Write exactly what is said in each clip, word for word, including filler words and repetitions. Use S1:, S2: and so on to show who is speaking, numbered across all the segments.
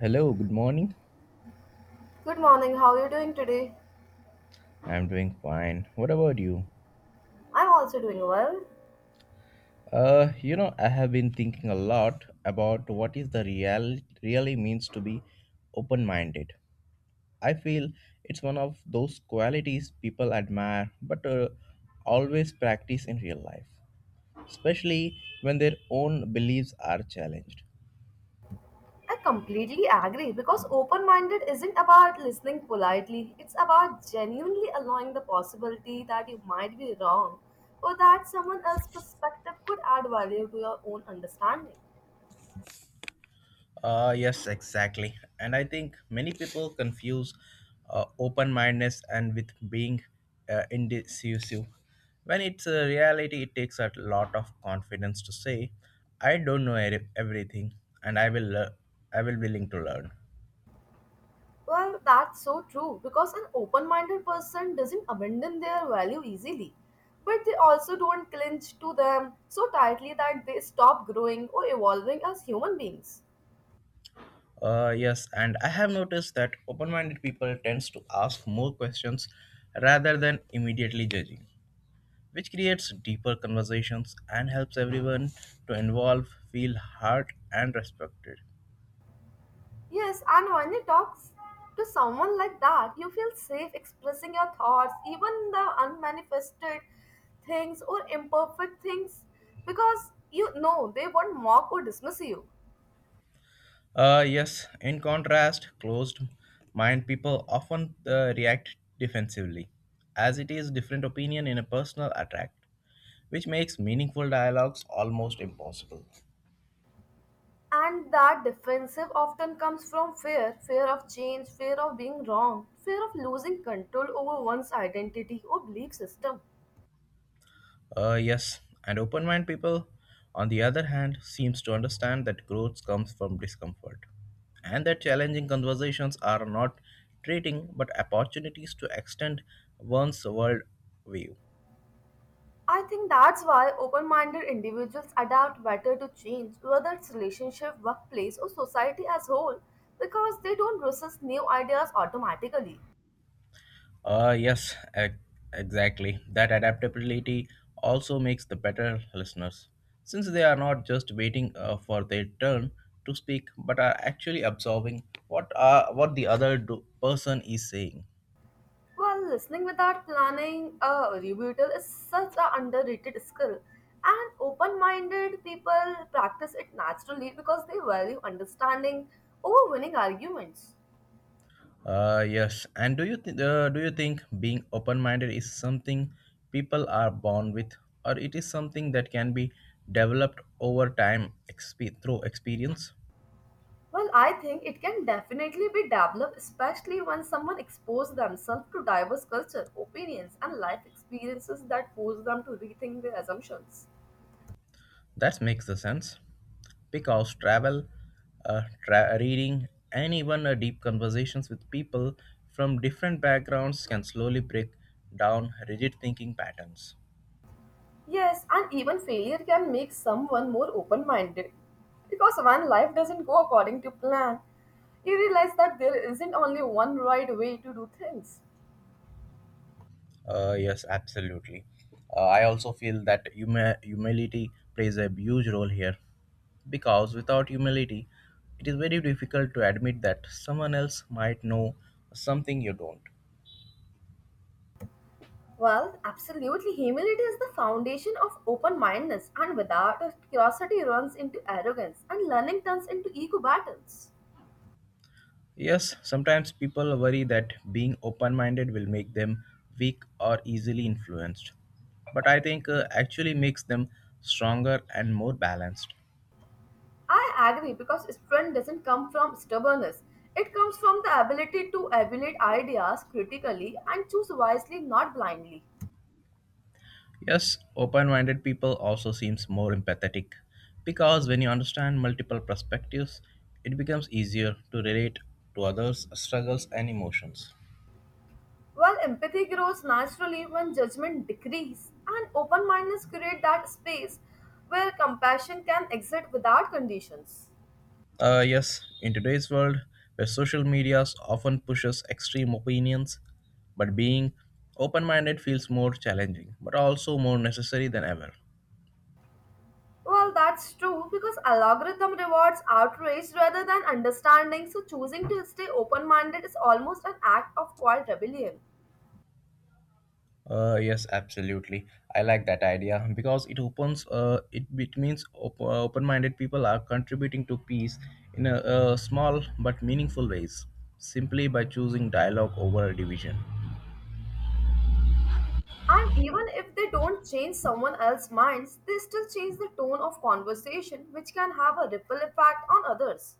S1: Hello, good morning.
S2: Good morning, how are you doing today?
S1: I'm doing fine. What about you?
S2: I'm also doing well.
S1: Uh, you know, I have been thinking a lot about what is the real really means to be open-minded. I feel it's one of those qualities people admire but uh, always practice in real life, especially when their own beliefs are challenged.
S2: I completely agree because open minded isn't about listening politely, it's about genuinely allowing the possibility that you might be wrong or that someone else's perspective could add value to your own understanding.
S1: Uh, yes, exactly. And I think many people confuse uh, open mindedness and with being uh, indecisive. When it's a reality, it takes a lot of confidence to say, "I don't know eri- everything, and I will, lear- I will willing to learn."
S2: Well, that's so true because an open minded person doesn't abandon their value easily, but they also don't clinch to them so tightly that they stop growing or evolving as human beings.
S1: Uh, yes, and I have noticed that open-minded people tends to ask more questions rather than immediately judging, which creates deeper conversations and helps everyone to involve feel heard and respected.
S2: Yes, and when you talk to someone like that, you feel safe expressing your thoughts, even the unmanifested things or imperfect things, because you know they won't mock or dismiss you.
S1: Uh, yes, in contrast, closed mind people often uh, react defensively, as it is different opinion in a personal attack, which makes meaningful dialogues almost impossible.
S2: And that defensive often comes from fear fear of change, fear of being wrong, fear of losing control over one's identity or belief system.
S1: Uh, yes, and open-minded people, on the other hand, seems to understand that growth comes from discomfort, and that challenging conversations are not treating but opportunities to extend one's world view.
S2: I think that's why open minded individuals adapt better to change, whether it's relationship, workplace, or society as whole, because they don't resist new ideas automatically.
S1: Uh, yes, ex- exactly. That adaptability also makes the better listeners, since they are not just waiting uh, for their turn to speak, but are actually absorbing what uh, what the other do- person is saying.
S2: While listening without planning a rebuttal is such an underrated skill, and open minded people practice it naturally because they value understanding over winning arguments.
S1: Uh, yes. And do you th- uh, do you think being open-minded is something people are born with, or it is something that can be developed over time exp- through experience?
S2: Well, I think it can definitely be developed, especially when someone exposes themselves to diverse culture, opinions, and life experiences that force them to rethink their assumptions.
S1: That makes the sense because travel, uh, tra- reading, and even uh, deep conversations with people from different backgrounds can slowly break down rigid thinking patterns.
S2: Yes, and even failure can make someone more open minded. Because when life doesn't go according to plan, you realize that there isn't only one right way to do things.
S1: Uh, yes, absolutely. Uh, I also feel that huma- humility plays a huge role here. Because without humility, it is very difficult to admit that someone else might know something you don't.
S2: Well, absolutely, humility is the foundation of open mindedness, and without it, curiosity runs into arrogance, and learning turns into ego battles.
S1: Yes, sometimes people worry that being open minded will make them weak or easily influenced. But I think uh, actually makes them stronger and more balanced.
S2: I agree because strength doesn't come from stubbornness. It comes from the ability to evaluate ideas critically and choose wisely, not blindly.
S1: Yes, open minded people also seems more empathetic because when you understand multiple perspectives, it becomes easier to relate to others' struggles and emotions.
S2: While empathy grows naturally when judgment decreases, and open mindedness create that space where compassion can exist without conditions.
S1: Uh, yes, in today's world where social media often pushes extreme opinions, but being open minded feels more challenging but also more necessary than ever.
S2: Well, that's true because algorithm rewards outrage rather than understanding, so choosing to stay open minded is almost an act of quiet rebellion.
S1: Uh, yes, absolutely. I like that idea because it opens. Uh, it, it means op- uh, open-minded people are contributing to peace in a, uh small but meaningful ways, simply by choosing dialogue over division.
S2: And even if they don't change someone else's minds, they still change the tone of conversation, which can have a ripple effect on others.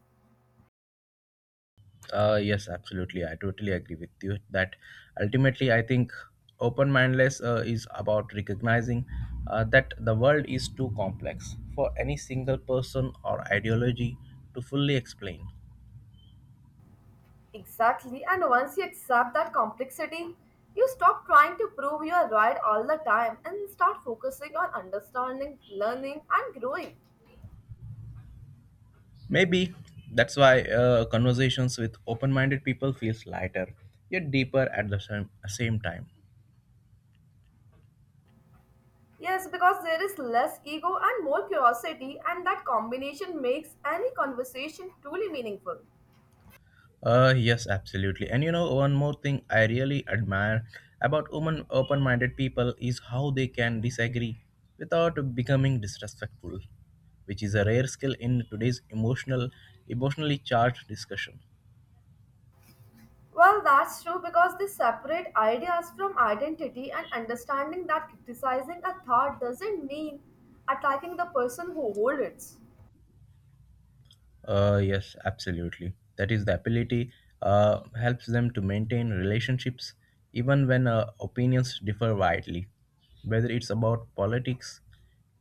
S1: Uh, yes, absolutely. I totally agree with you that ultimately, I think open mindedness uh, is about recognizing uh, that the world is too complex for any single person or ideology to fully explain.
S2: Exactly, and once you accept that complexity, you stop trying to prove you are right all the time and start focusing on understanding, learning, and growing.
S1: Maybe that's why uh, conversations with open minded people feels lighter yet deeper at the same, same time.
S2: Yes, because there is less ego and more curiosity, and that combination makes any conversation truly meaningful.
S1: Uh, yes, absolutely. And you know, one more thing I really admire about women, open-minded people is how they can disagree without becoming disrespectful, which is a rare skill in today's emotional, emotionally charged discussion.
S2: Well, that's true because they separate ideas from identity and understanding that criticizing a thought doesn't mean attacking the person who holds it.
S1: Uh, yes, absolutely. That is the ability uh, helps them to maintain relationships even when uh, opinions differ widely, whether it's about politics,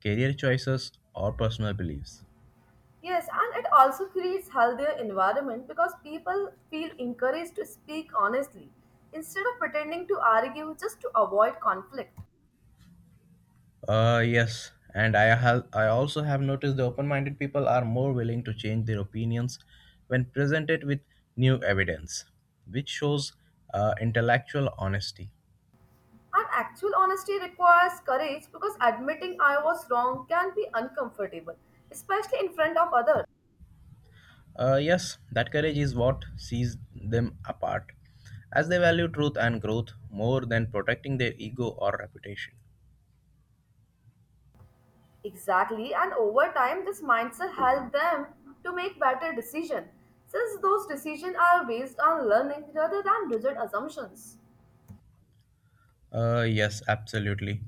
S1: career choices, or personal beliefs.
S2: Yes, and it also creates healthier environment because people feel encouraged to speak honestly instead of pretending to argue just to avoid conflict.
S1: Uh, yes, and I have I also have noticed the open-minded people are more willing to change their opinions when presented with new evidence, which shows uh, intellectual honesty.
S2: And actual honesty requires courage because admitting I was wrong can be uncomfortable, especially in front of others.
S1: Uh, yes, that courage is what sees them apart, as they value truth and growth more than protecting their ego or reputation.
S2: Exactly, and over time, this mindset helps them to make better decisions, since those decisions are based on learning rather than rigid assumptions.
S1: Uh, yes, absolutely.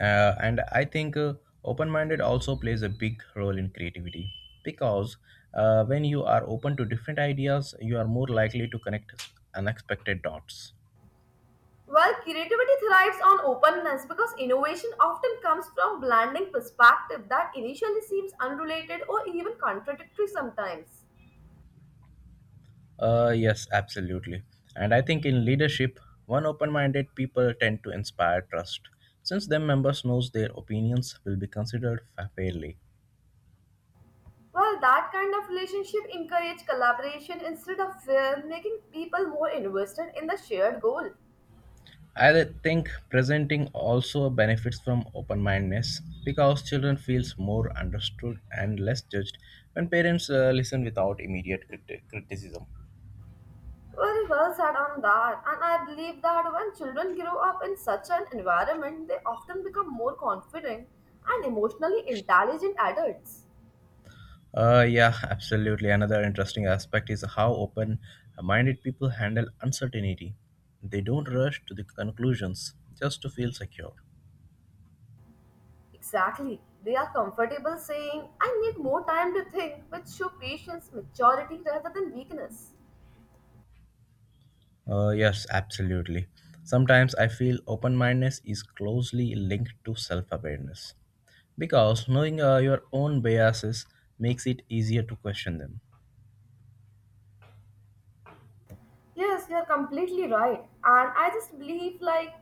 S1: Uh, and I think uh, open minded also plays a big role in creativity because uh, when you are open to different ideas, you are more likely to connect unexpected dots.
S2: While creativity thrives on openness because innovation often comes from blending perspective that initially seems unrelated or even contradictory sometimes.
S1: Uh, yes, absolutely. And I think in leadership, one open-minded people tend to inspire trust, since their members knows their opinions will be considered fa- fairly.
S2: While that kind of relationship encourages collaboration instead of fear, making people more invested in the shared goal.
S1: I think presenting also benefits from open mindedness because children feels more understood and less judged when parents uh, listen without immediate criti- criticism.
S2: Very well said on that, and I believe that when children grow up in such an environment, they often become more confident and emotionally intelligent adults.
S1: Uh, yeah, absolutely. Another interesting aspect is how open minded people handle uncertainty. They don't rush to the conclusions just to feel secure.
S2: Exactly, they are comfortable saying, I need more time to think, which show patience, maturity rather than weakness.
S1: Uh, yes, absolutely. Sometimes I feel open mindedness is closely linked to self awareness because knowing uh, your own biases makes it easier to question them.
S2: Yes, you're completely right. And I just believe like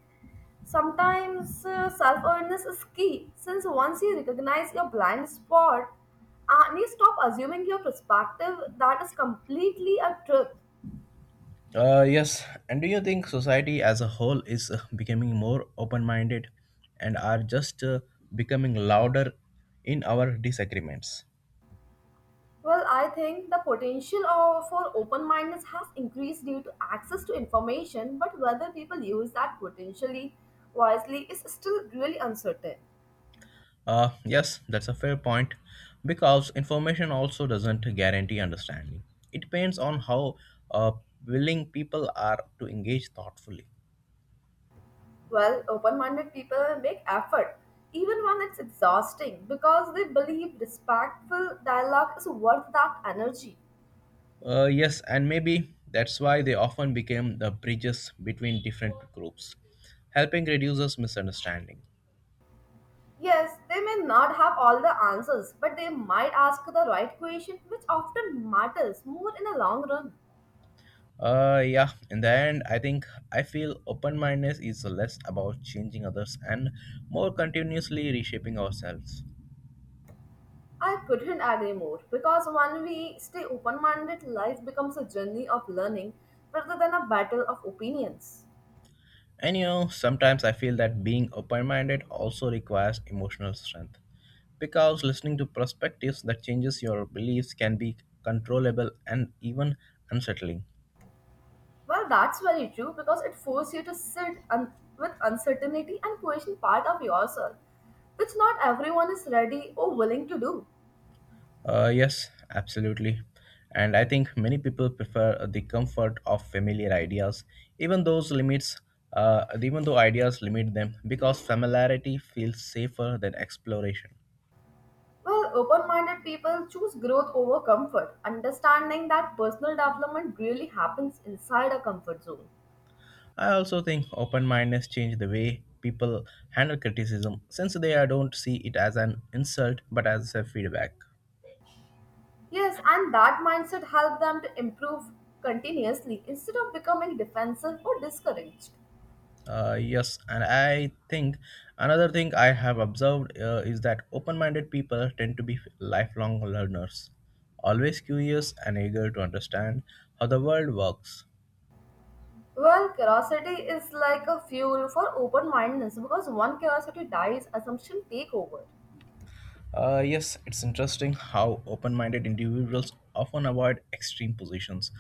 S2: sometimes uh, self awareness is key since once you recognize your blind spot and you stop assuming your perspective that is completely a truth.
S1: Uh, yes, and do you think society as a whole is uh, becoming more open minded and are just uh, becoming louder in our disagreements?
S2: Well, I think the potential of, for open mindedness has increased due to access to information, but whether people use that potentially wisely is still really uncertain.
S1: Uh, yes, that's a fair point because information also doesn't guarantee understanding. It depends on how uh, willing people are to engage thoughtfully.
S2: Well, open minded people make effort, even when it's exhausting, because they believe respectful dialogue is worth that energy.
S1: Uh, yes, and maybe that's why they often became the bridges between different groups, helping reduces misunderstanding.
S2: Yes, they may not have all the answers, but they might ask the right question, which often matters more in the long run.
S1: Uh, yeah, in the end, I think I feel open mindedness is less about changing others and more continuously reshaping ourselves.
S2: I couldn't agree more, because when we stay open minded, life becomes a journey of learning rather than a battle of opinions.
S1: And you know, sometimes I feel that being open minded also requires emotional strength because listening to perspectives that changes your beliefs can be controllable and even unsettling.
S2: Well, that's very true because it forces you to sit un- with uncertainty and question part of yourself, which not everyone is ready or willing to do.
S1: Uh, yes, absolutely. And I think many people prefer uh, the comfort of familiar ideas, even those limits, uh, even though ideas limit them, because familiarity feels safer than exploration.
S2: Well, open minded people choose growth over comfort, understanding that personal development really happens inside a comfort zone.
S1: I also think open mindedness change the way people handle criticism, since they uh, don't see it as an insult but as a feedback.
S2: Yes, and that mindset helps them to improve continuously instead of becoming defensive or discouraged.
S1: Uh, yes, and I think another thing I have observed uh, is that open minded people tend to be lifelong learners, always curious and eager to understand how the world works.
S2: Well, curiosity is like a fuel for open mindedness because one curiosity dies, assumption take over.
S1: Uh, yes, it's interesting how open minded individuals often avoid extreme positions,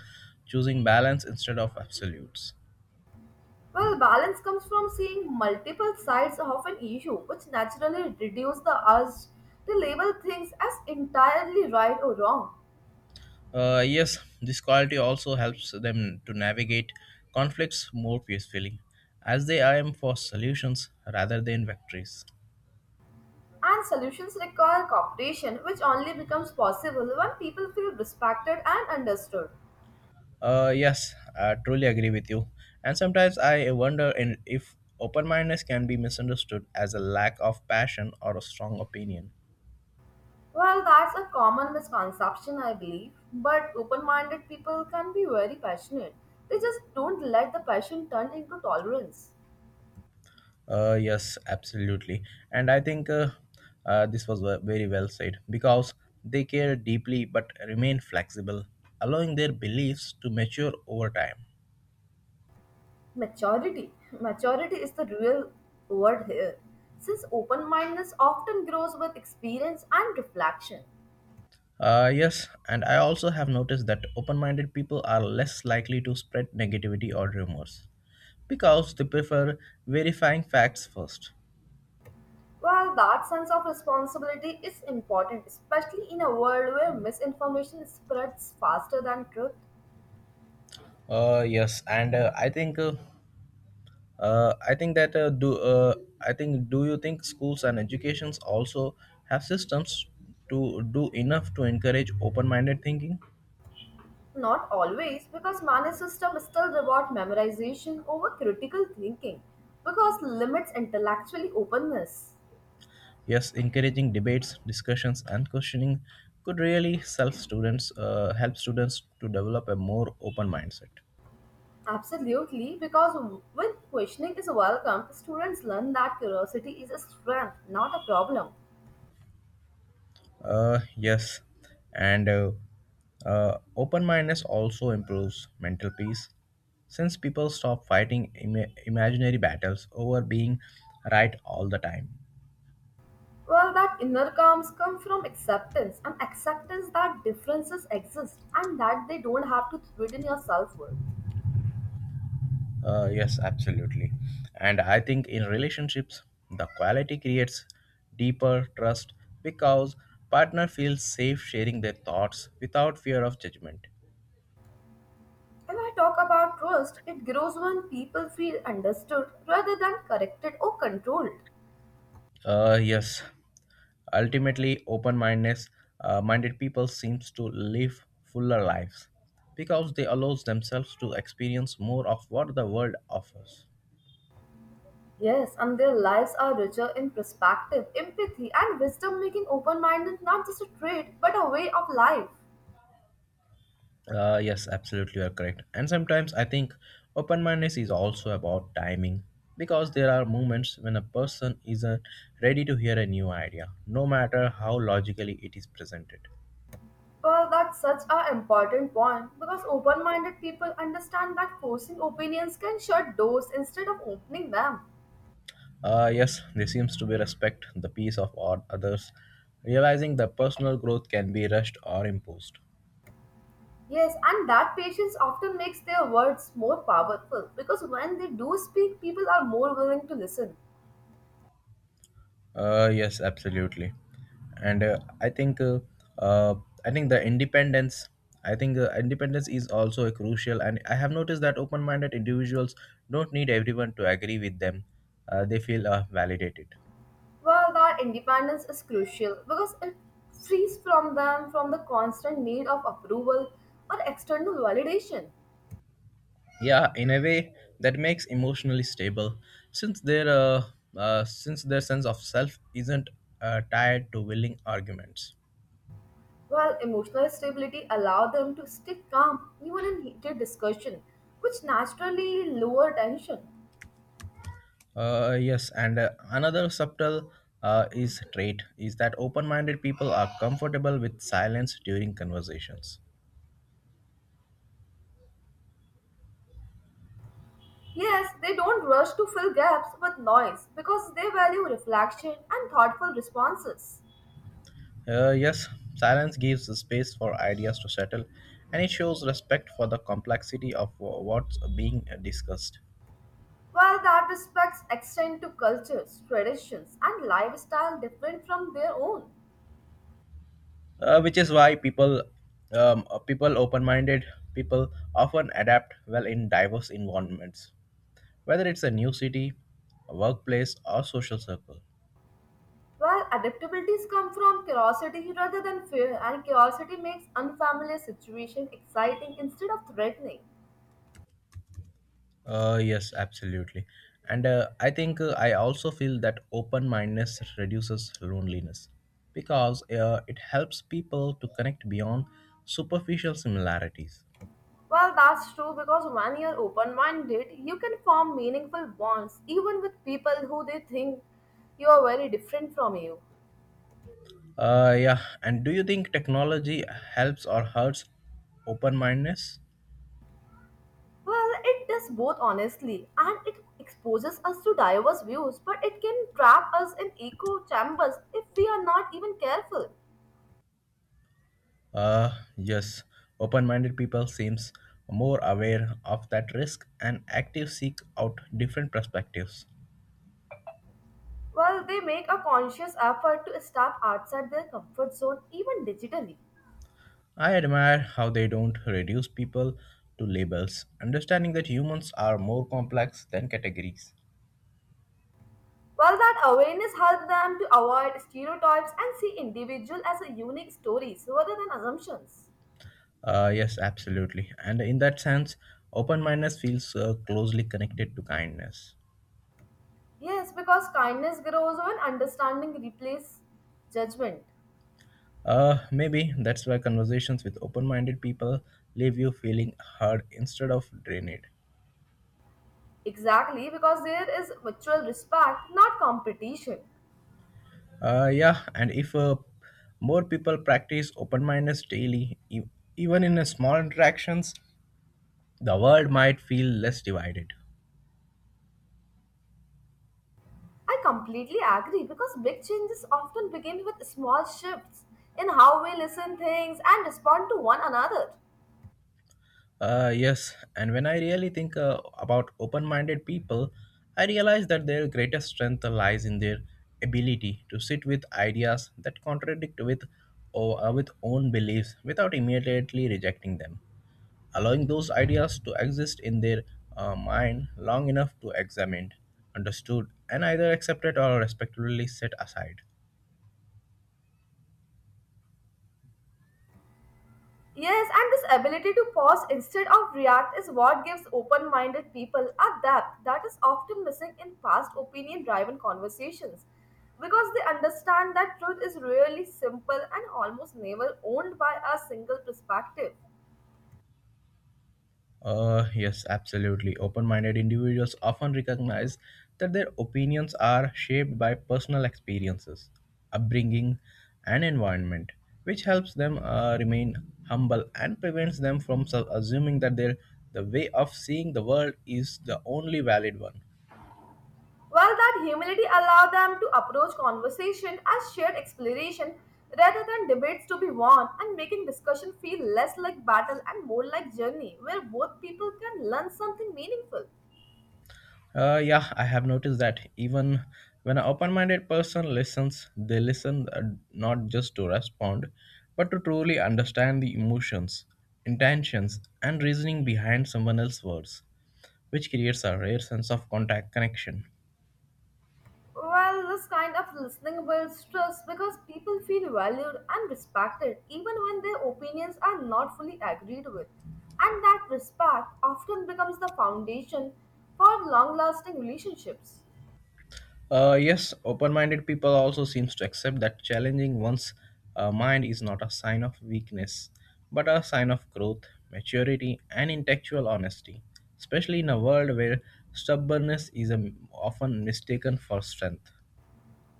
S1: choosing balance instead of absolutes.
S2: Well, balance comes from seeing multiple sides of an issue, which naturally reduces the urge to label things as entirely right or wrong.
S1: Uh, yes, this quality also helps them to navigate conflicts more peacefully, as they aim for solutions rather than victories.
S2: And solutions require cooperation, which only becomes possible when people feel respected and understood.
S1: Uh, yes, I truly agree with you. And sometimes I wonder in, if open mindedness can be misunderstood as a lack of passion or a strong opinion.
S2: Well, that's a common misconception, I believe, but open minded people can be very passionate. They just don't let the passion turn into tolerance.
S1: Uh, yes, absolutely. And I think uh, uh, this was ve- very well said because they care deeply but remain flexible, allowing their beliefs to mature over time.
S2: Maturity. Maturity is the real word here, since open mindedness often grows with experience and reflection.
S1: Uh, yes, and I also have noticed that open minded people are less likely to spread negativity or rumors because they prefer verifying facts first.
S2: While that sense of responsibility is important, especially in a world where misinformation spreads faster than truth.
S1: Uh, yes, and uh, I think uh, uh, I think that uh, do uh, I think do you think schools and educations also have systems to do enough to encourage open-minded thinking?
S2: Not always, because many systems still reward memorization over critical thinking, because limits intellectually openness.
S1: Yes, encouraging debates, discussions, and questioning could really self students uh, help students to develop a more open mindset.
S2: Absolutely, because when questioning is welcome, students learn that curiosity is a strength, not a problem.
S1: Uh, yes, and uh, uh, open mindedness also improves mental peace since people stop fighting Im- imaginary battles over being right all the time.
S2: Well, that inner calms come from acceptance, and acceptance that differences exist and that they don't have to threaten your self worth.
S1: Uh, yes, absolutely. And I think in relationships, the quality creates deeper trust because partner feels safe sharing their thoughts without fear of judgment.
S2: If I talk about trust, it grows when people feel understood rather than corrected or controlled.
S1: Uh, yes, ultimately, open-mindedness, uh, minded people seems to live fuller lives because they allows themselves to experience more of what the world offers.
S2: Yes, and their lives are richer in perspective, empathy, and wisdom, making open minded not just a trait but a way of life.
S1: Uh, yes, absolutely, you are correct. And sometimes I think open-mindedness is also about timing because there are moments when a person isn't ready to hear a new idea, no matter how logically it is presented.
S2: Well, that's such an important point because open minded people understand that forcing opinions can shut doors instead of opening them.
S1: Uh, yes, there seems to be respect the peace of all others, realizing that personal growth can be rushed or imposed.
S2: Yes, and that patience often makes their words more powerful because when they do speak, people are more willing to listen.
S1: Uh, yes, absolutely, and uh, I think uh, uh, I think the independence. I think uh, independence is also a crucial, and I have noticed that open-minded individuals don't need everyone to agree with them. Uh, they feel uh, validated.
S2: Well, that independence is crucial because it frees from them from the constant need of approval or external validation.
S1: Yeah, in a way that makes emotionally stable since their uh, uh, since their sense of self isn't uh, tied to willing arguments.
S2: While emotional stability allowed them to stay calm even in heated discussion, which naturally lower tension.
S1: Uh, yes, and uh, another subtle uh, is trait is that open-minded people are comfortable with silence during conversations.
S2: Yes, they don't rush to fill gaps with noise because they value reflection and thoughtful responses.
S1: Uh, yes, silence gives the space for ideas to settle, and it shows respect for the complexity of uh, what's being discussed.
S2: While that respects extend to cultures, traditions, and lifestyle different from their own.
S1: Uh, which is why people um, uh, people open-minded people often adapt well in diverse environments, whether it's a new city, a workplace, or social circle.
S2: While adaptabilities come from curiosity rather than fear, and curiosity makes unfamiliar situations exciting instead of threatening.
S1: Uh, yes, absolutely, and uh, i think uh, I also feel that open-mindedness reduces loneliness because uh, it helps people to connect beyond superficial similarities.
S2: Well, that's true because when you're open minded, you can form meaningful bonds even with people who they think you are very different from you.
S1: Uh, yeah, and do you think technology helps or hurts open-mindedness?
S2: Well, it does both honestly and it exposes us to diverse views, but it can trap us in echo chambers if we are not even careful.
S1: Uh, yes, open minded people seems more aware of that risk and active seek out different perspectives.
S2: Well, they make a conscious effort to step outside their comfort zone even digitally.
S1: I admire how they don't reduce people to labels, understanding that humans are more complex than categories.
S2: Well, that awareness helps them to avoid stereotypes and see individual as a unique stories rather than assumptions.
S1: Uh, yes, absolutely. And in that sense, open mindedness feels uh, closely connected to kindness.
S2: Yes, because kindness grows when understanding replaces judgment.
S1: Uh, maybe that's why conversations with open minded people leave you feeling heard instead of drained.
S2: Exactly, because there is mutual respect, not competition.
S1: Uh, yeah, and if uh, more people practice open mindedness daily, e- even in a small interactions, the world might feel less divided.
S2: I completely agree because big changes often begin with small shifts in how we listen things and respond to one another.
S1: Uh, yes, and when I really think uh, about open minded people, I realize that their greatest strength lies in their ability to sit with ideas that contradict with, or, uh, with own beliefs without immediately rejecting them. Allowing those ideas to exist in their uh, mind long enough to examine, understood, and either accepted or respectfully set aside.
S2: Yes, and this ability to pause instead of react is what gives open minded people a depth that is often missing in past opinion driven conversations because they understand that truth is really simple and almost never owned by a single perspective.
S1: Uh, yes, absolutely. Open minded individuals often recognize that their opinions are shaped by personal experiences, upbringing, and environment, which helps them uh, remain humble and prevents them from su- assuming that their the way of seeing the world is the only valid one.
S2: While that humility allows them to approach conversation as shared exploration rather than debates to be won and making discussion feel less like battle and more like journey where both people can learn something meaningful.
S1: Uh, yeah, I have noticed that even when an open minded person listens, they listen uh, not just to respond, but to truly understand the emotions, intentions, and reasoning behind someone else's words, which creates a rare sense of contact connection.
S2: Well, this kind of listening builds trust because people feel valued and respected even when their opinions are not fully agreed with. And that respect often becomes the foundation for long lasting relationships.
S1: Uh, yes, open-minded people also seems to accept that challenging one's uh, mind is not a sign of weakness, but a sign of growth, maturity, and intellectual honesty. Especially in a world where stubbornness is um, often mistaken for strength.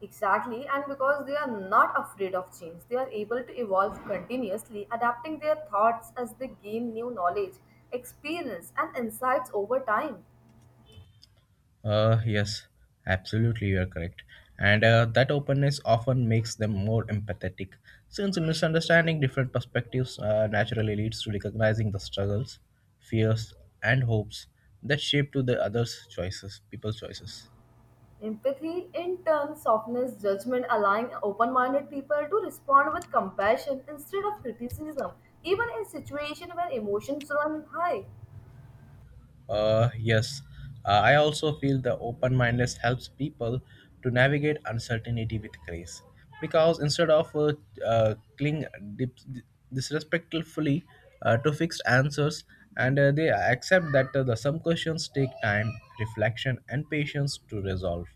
S2: Exactly, and because they are not afraid of change, they are able to evolve continuously, adapting their thoughts as they gain new knowledge, experience, and insights over time.
S1: Uh, yes, absolutely, you are correct. And uh, that openness often makes them more empathetic, since understanding different perspectives uh, naturally leads to recognizing the struggles, fears, and hopes that shape to the others' choices, people's choices.
S2: Empathy, in turn, softens judgment, allowing open minded people to respond with compassion instead of criticism, even in situations where emotions run high.
S1: Uh, yes, Uh, I also feel the open mindedness helps people to navigate uncertainty with grace because instead of uh, uh, cling dip- disrespectfully uh, to fixed answers, and uh, they accept that uh, the some questions take time, reflection, and patience to resolve.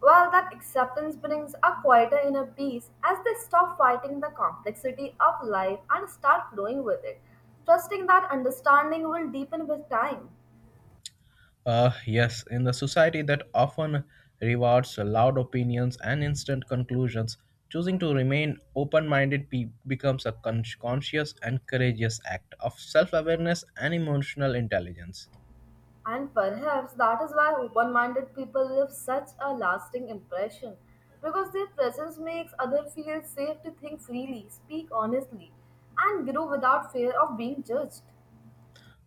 S2: While that acceptance brings a quieter inner peace as they stop fighting the complexity of life and start flowing with it, trusting that understanding will deepen with time.
S1: Uh, yes, in the society that often rewards loud opinions and instant conclusions, choosing to remain open minded pe- becomes a con- conscious and courageous act of self awareness and emotional intelligence.
S2: And perhaps that is why open minded people leave such a lasting impression because their presence makes others feel safe to think freely, speak honestly, and grow without fear of being judged.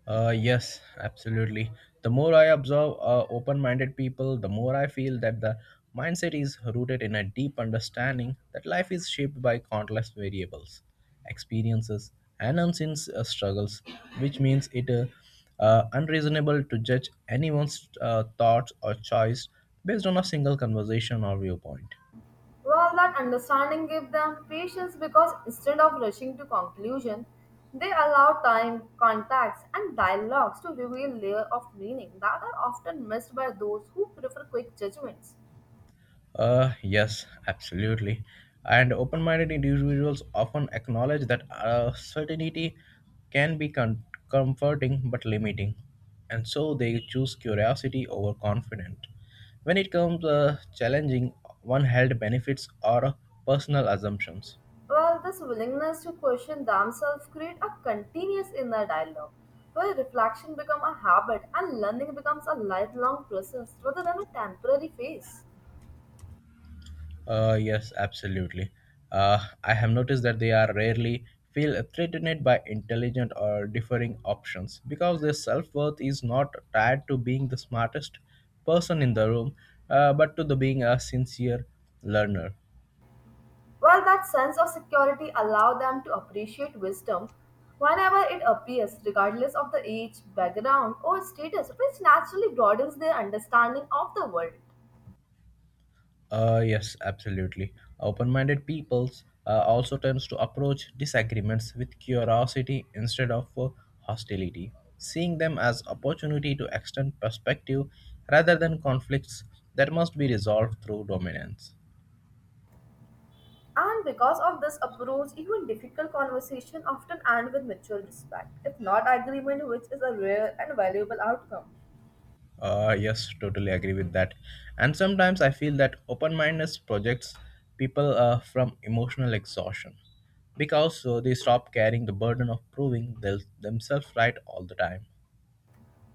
S1: Uh, yes, absolutely. The more I observe uh, open minded people, the more I feel that the mindset is rooted in a deep understanding that life is shaped by countless variables, experiences, and unseen uh, struggles, which means it is uh, uh, unreasonable to judge anyone's uh, thoughts or choice based on a single conversation or viewpoint.
S2: While that understanding gave them patience because instead of rushing to conclusion, they allow time, contacts, and dialogues to reveal layer of meaning that are often missed by those who prefer quick judgments.
S1: Uh, yes, absolutely. And open minded individuals often acknowledge that uh, certainty can be con- comforting but limiting, and so they choose curiosity over confidence. When it comes uh, challenging, one held benefits or personal assumptions.
S2: Well, this willingness to question themselves create a continuous inner dialogue where reflection becomes a habit and learning becomes a lifelong process rather than a temporary phase.
S1: Uh, yes, absolutely. Uh, I have noticed that they are rarely feel threatened by intelligent or differing options because their self-worth is not tied to being the smartest person in the room, uh, but to the being a sincere learner.
S2: Well, that sense of security allows them to appreciate wisdom whenever it appears, regardless of the age, background, or status, which naturally broadens their understanding of the world.
S1: Uh, yes, absolutely. Open-minded peoples uh, also tends to approach disagreements with curiosity instead of uh, hostility, seeing them as opportunity to extend perspective rather than conflicts that must be resolved through dominance.
S2: And because of this approach, even difficult conversation often end with mutual respect, if not agreement, which is a rare and valuable outcome.
S1: Uh, yes, totally agree with that. And sometimes I feel that open-mindedness projects people uh, from emotional exhaustion because uh, they stop carrying the burden of proving thel- themselves right all the time.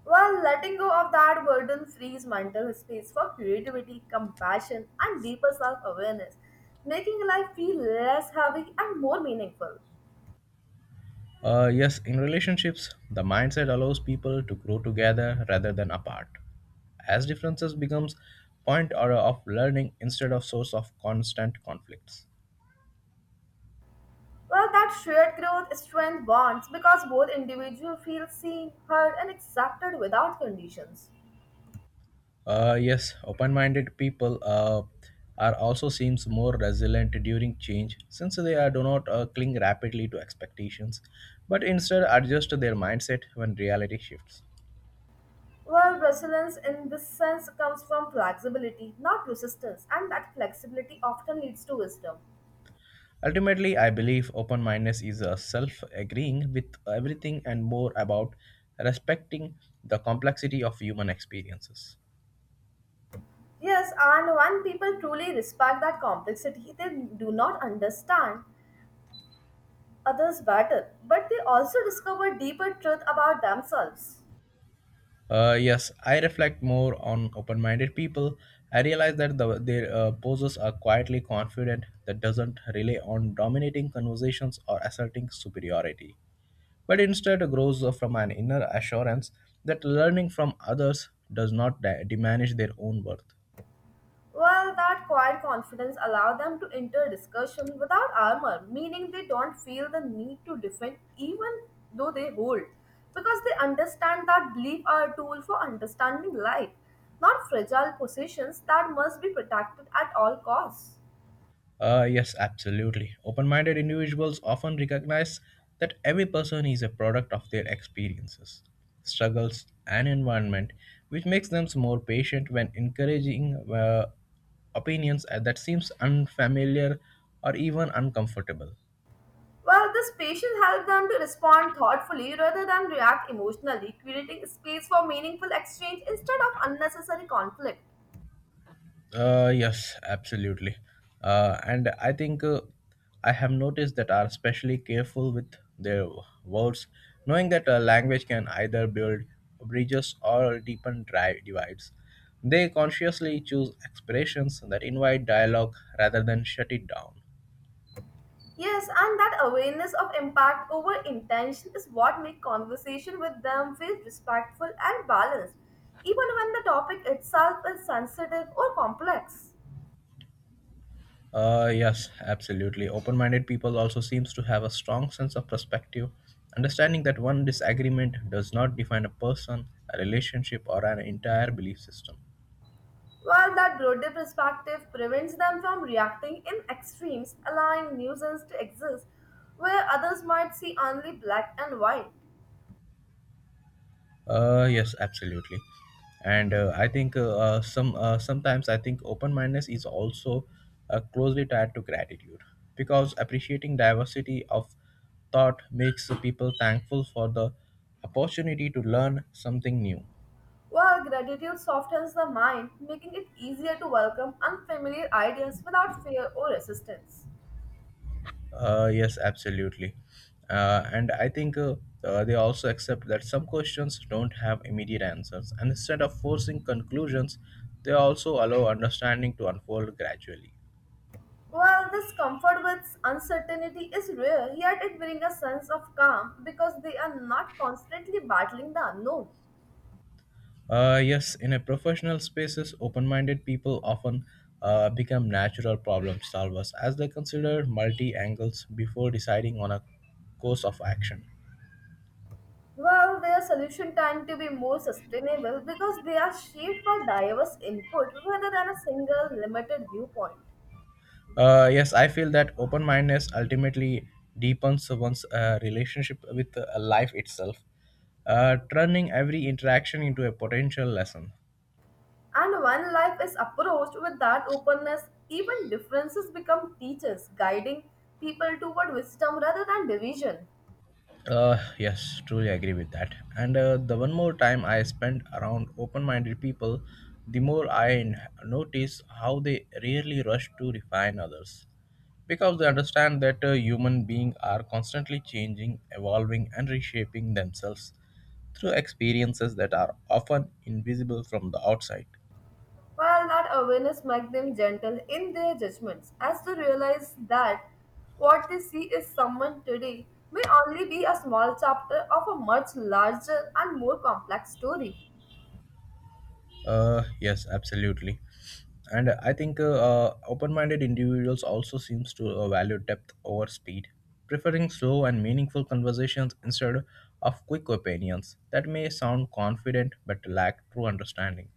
S2: While letting go of that burden frees mental space for creativity, compassion, and deeper self awareness, making life feel less heavy and more meaningful.
S1: Uh, yes, in relationships, the mindset allows people to grow together rather than apart. As differences becomes point or of learning instead of source of constant conflicts.
S2: Well, that shared growth strength bonds because both individuals feel seen, heard, and accepted without conditions.
S1: Uh, yes, open-minded people uh, are also seems more resilient during change since they are, do not uh, cling rapidly to expectations, but instead adjust their mindset when reality shifts.
S2: Well, resilience in this sense comes from flexibility, not resistance, and that flexibility often leads to wisdom.
S1: Ultimately, I believe open mindedness is a self agreeing with everything and more about respecting the complexity of human experiences.
S2: Yes, and when people truly respect that complexity, they do not understand others better, but they also discover deeper truth about themselves.
S1: Uh, yes, I reflect more on open minded people. I realize that the, their uh, poses are quietly confident that doesn't rely on dominating conversations or asserting superiority, but instead grows from an inner assurance that learning from others does not di- diminish their own worth.
S2: Well, that quiet confidence allows them to enter discussion without armor, meaning they don't feel the need to defend even though they hold, because they understand that belief are a tool for understanding life, not fragile possessions that must be protected at all costs.
S1: Uh, yes, absolutely. Open minded individuals often recognize that every person is a product of their experiences, struggles, and environment, which makes them more patient when encouraging uh, opinions that seems unfamiliar or even uncomfortable.
S2: Well, this patience helps them to respond thoughtfully rather than react emotionally, creating space for meaningful exchange instead of unnecessary conflict.
S1: Uh, yes, absolutely. Uh, and I think uh, I have noticed that are especially careful with their words, knowing that a language can either build bridges or deepen dri- divides. They consciously choose expressions that invite dialogue rather than shut it down.
S2: Yes, and that awareness of impact over intention is what makes conversation with them feel respectful and balanced, even when the topic itself is sensitive or complex.
S1: Uh, yes, absolutely. Open-minded people also seems to have a strong sense of perspective, understanding that one disagreement does not define a person, a relationship, or an entire belief system.
S2: While that broader perspective prevents them from reacting in extremes, allowing nuisance to exist where others might see only black and white.
S1: Uh, yes, absolutely. And uh, I think uh, uh, some uh, sometimes I think open-mindedness is also uh, closely tied to gratitude because appreciating diversity of thought makes people thankful for the opportunity to learn something new.
S2: While gratitude softens the mind, making it easier to welcome unfamiliar ideas without fear or resistance.
S1: Uh, yes, absolutely. Uh, and I think uh, uh, they also accept that some questions don't have immediate answers, and instead of forcing conclusions, they also allow understanding to unfold gradually.
S2: While this comfort with uncertainty is real, yet it brings a sense of calm because they are not constantly battling the unknown.
S1: Uh, yes, in a professional spaces, open-minded people often uh, become natural problem solvers as they consider multi angles before deciding on a course of action.
S2: While their solution tend to be more sustainable because they are shaped by diverse input rather than a single limited viewpoint.
S1: Uh, yes, I feel that open-mindedness ultimately deepens one's uh, relationship with uh, life itself, uh, turning every interaction into a potential lesson.
S2: And when life is approached with that openness, even differences become teachers, guiding people toward wisdom rather than division.
S1: Uh, yes, truly agree with that. And uh, the one more time I spent around open-minded people, the more I n- notice how they rarely rush to refine others, because they understand that uh, human beings are constantly changing, evolving, and reshaping themselves through experiences that are often invisible from the outside.
S2: Well, that awareness makes them gentle in their judgments as to realize that what they see is someone today may only be a small chapter of a much larger and more complex story.
S1: Uh, yes, absolutely. And I think uh, uh, open-minded individuals also seems to uh, value depth over speed, preferring slow and meaningful conversations instead of quick opinions that may sound confident but lack true understanding.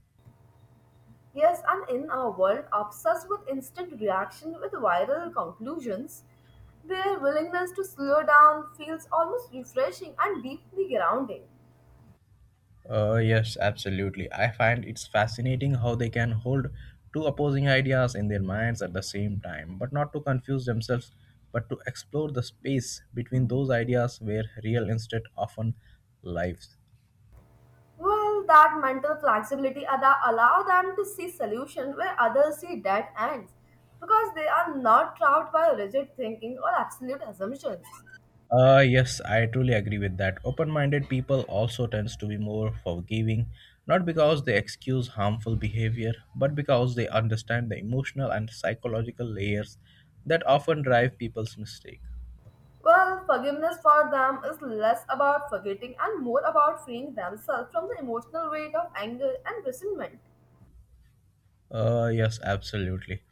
S2: Yes, and in our world obsessed with instant reaction with viral conclusions, their willingness to slow down feels almost refreshing and deeply grounding.
S1: Uh, yes, absolutely. I find it's fascinating how they can hold two opposing ideas in their minds at the same time, but not to confuse themselves, but to explore the space between those ideas where real instead often lives.
S2: Well, that mental flexibility that allow them to see solutions where others see dead ends, because they are not trapped by rigid thinking or absolute assumptions.
S1: Uh, yes, I truly agree with that. Open-minded people also tends to be more forgiving, not because they excuse harmful behavior, but because they understand the emotional and psychological layers that often drive people's mistake.
S2: Well, forgiveness for them is less about forgetting and more about freeing themselves from the emotional weight of anger and resentment.
S1: Uh, yes, absolutely.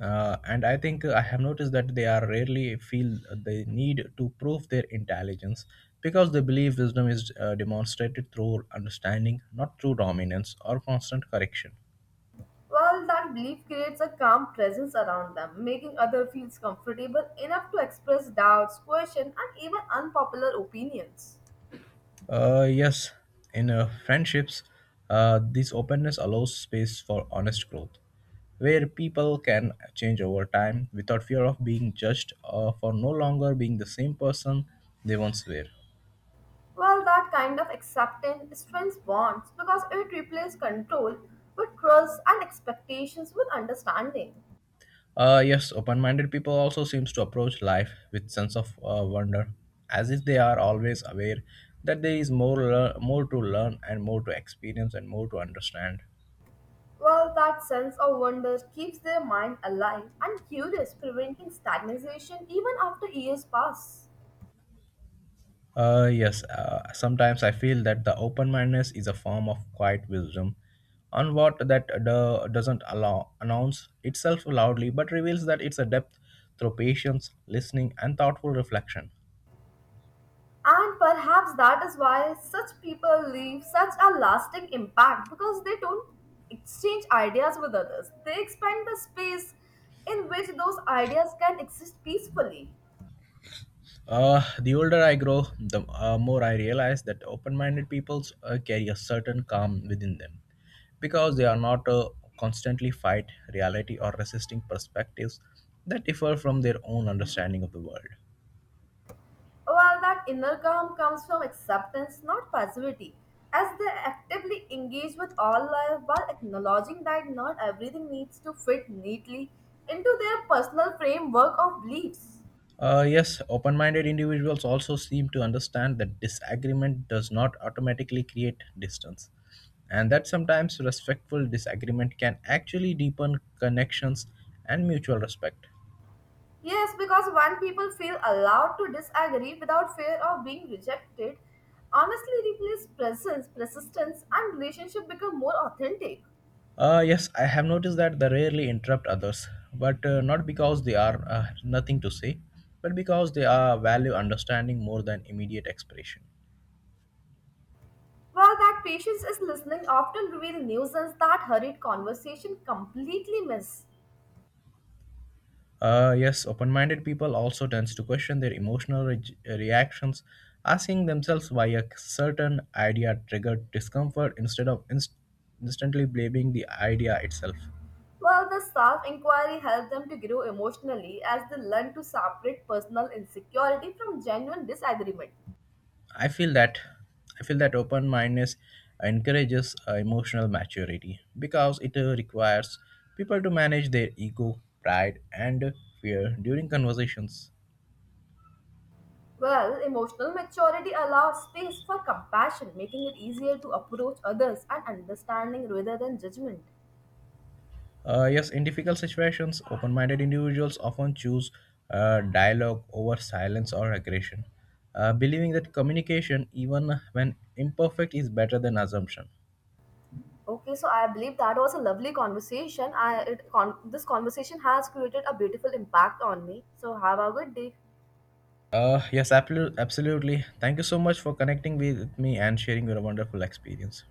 S1: Uh, and I think I have noticed that they are rarely feel the need to prove their intelligence because they believe wisdom is uh, demonstrated through understanding, not through dominance or constant correction.
S2: Well, that belief creates a calm presence around them, making others feel comfortable enough to express doubts, questions, and even unpopular opinions.
S1: Uh, yes, in uh, friendships, uh, this openness allows space for honest growth, where people can change over time without fear of being judged uh, for no longer being the same person they once were.
S2: Well, that kind of acceptance strengthens bonds because it replaces control with trust and expectations with understanding.
S1: Uh, yes, open-minded people also seems to approach life with sense of uh, wonder, as if they are always aware that there is more lear- more to learn and more to experience and more to understand.
S2: Well, that sense of wonder keeps their mind alive and curious, preventing stagnation even after years pass.
S1: Uh, yes, uh, sometimes I feel that the open mindedness is a form of quiet wisdom, on what that do- doesn't allow announce itself loudly, but reveals that it's a depth through patience, listening, and thoughtful reflection.
S2: And perhaps that is why such people leave such a lasting impact because they don't exchange ideas with others. They expand the space in which those ideas can exist peacefully.
S1: Uh, the older I grow, the uh, more I realize that open-minded people uh, carry a certain calm within them, because they are not uh, constantly fight reality or resisting perspectives that differ from their own understanding of the world.
S2: Well, that inner calm comes from acceptance, not passivity, as they actively engage with all life while acknowledging that not everything needs to fit neatly into their personal framework of beliefs.
S1: Uh, yes, open minded individuals also seem to understand that disagreement does not automatically create distance, and that sometimes respectful disagreement can actually deepen connections and mutual respect.
S2: Yes, because when people feel allowed to disagree without fear of being rejected, honestly replace presence, persistence, and relationship become more authentic.
S1: Uh, yes, I have noticed that they rarely interrupt others, but uh, not because they are uh, nothing to say, but because they are value understanding more than immediate expression.
S2: While that patience is listening often reveal nuisance that hurried conversation completely miss.
S1: Uh, yes, open-minded people also tends to question their emotional re- reactions, asking themselves why a certain idea triggered discomfort instead of inst- instantly blaming the idea itself.
S2: Well, the self inquiry helps them to grow emotionally as they learn to separate personal insecurity from genuine disagreement.
S1: I feel that I feel that open-mindedness encourages uh, emotional maturity because it uh, requires people to manage their ego, pride, and fear during conversations.
S2: Well, emotional maturity allows space for compassion, making it easier to approach others and understanding rather than judgment.
S1: Uh, yes, in difficult situations, open minded individuals often choose uh, dialogue over silence or aggression, uh, believing that communication, even when imperfect, is better than assumption.
S2: Okay, so I believe that was a lovely conversation. I it, con- this conversation has created a beautiful impact on me. So have a good day.
S1: Uh, yes, absolu- absolutely. Thank you so much for connecting with me and sharing your wonderful experience.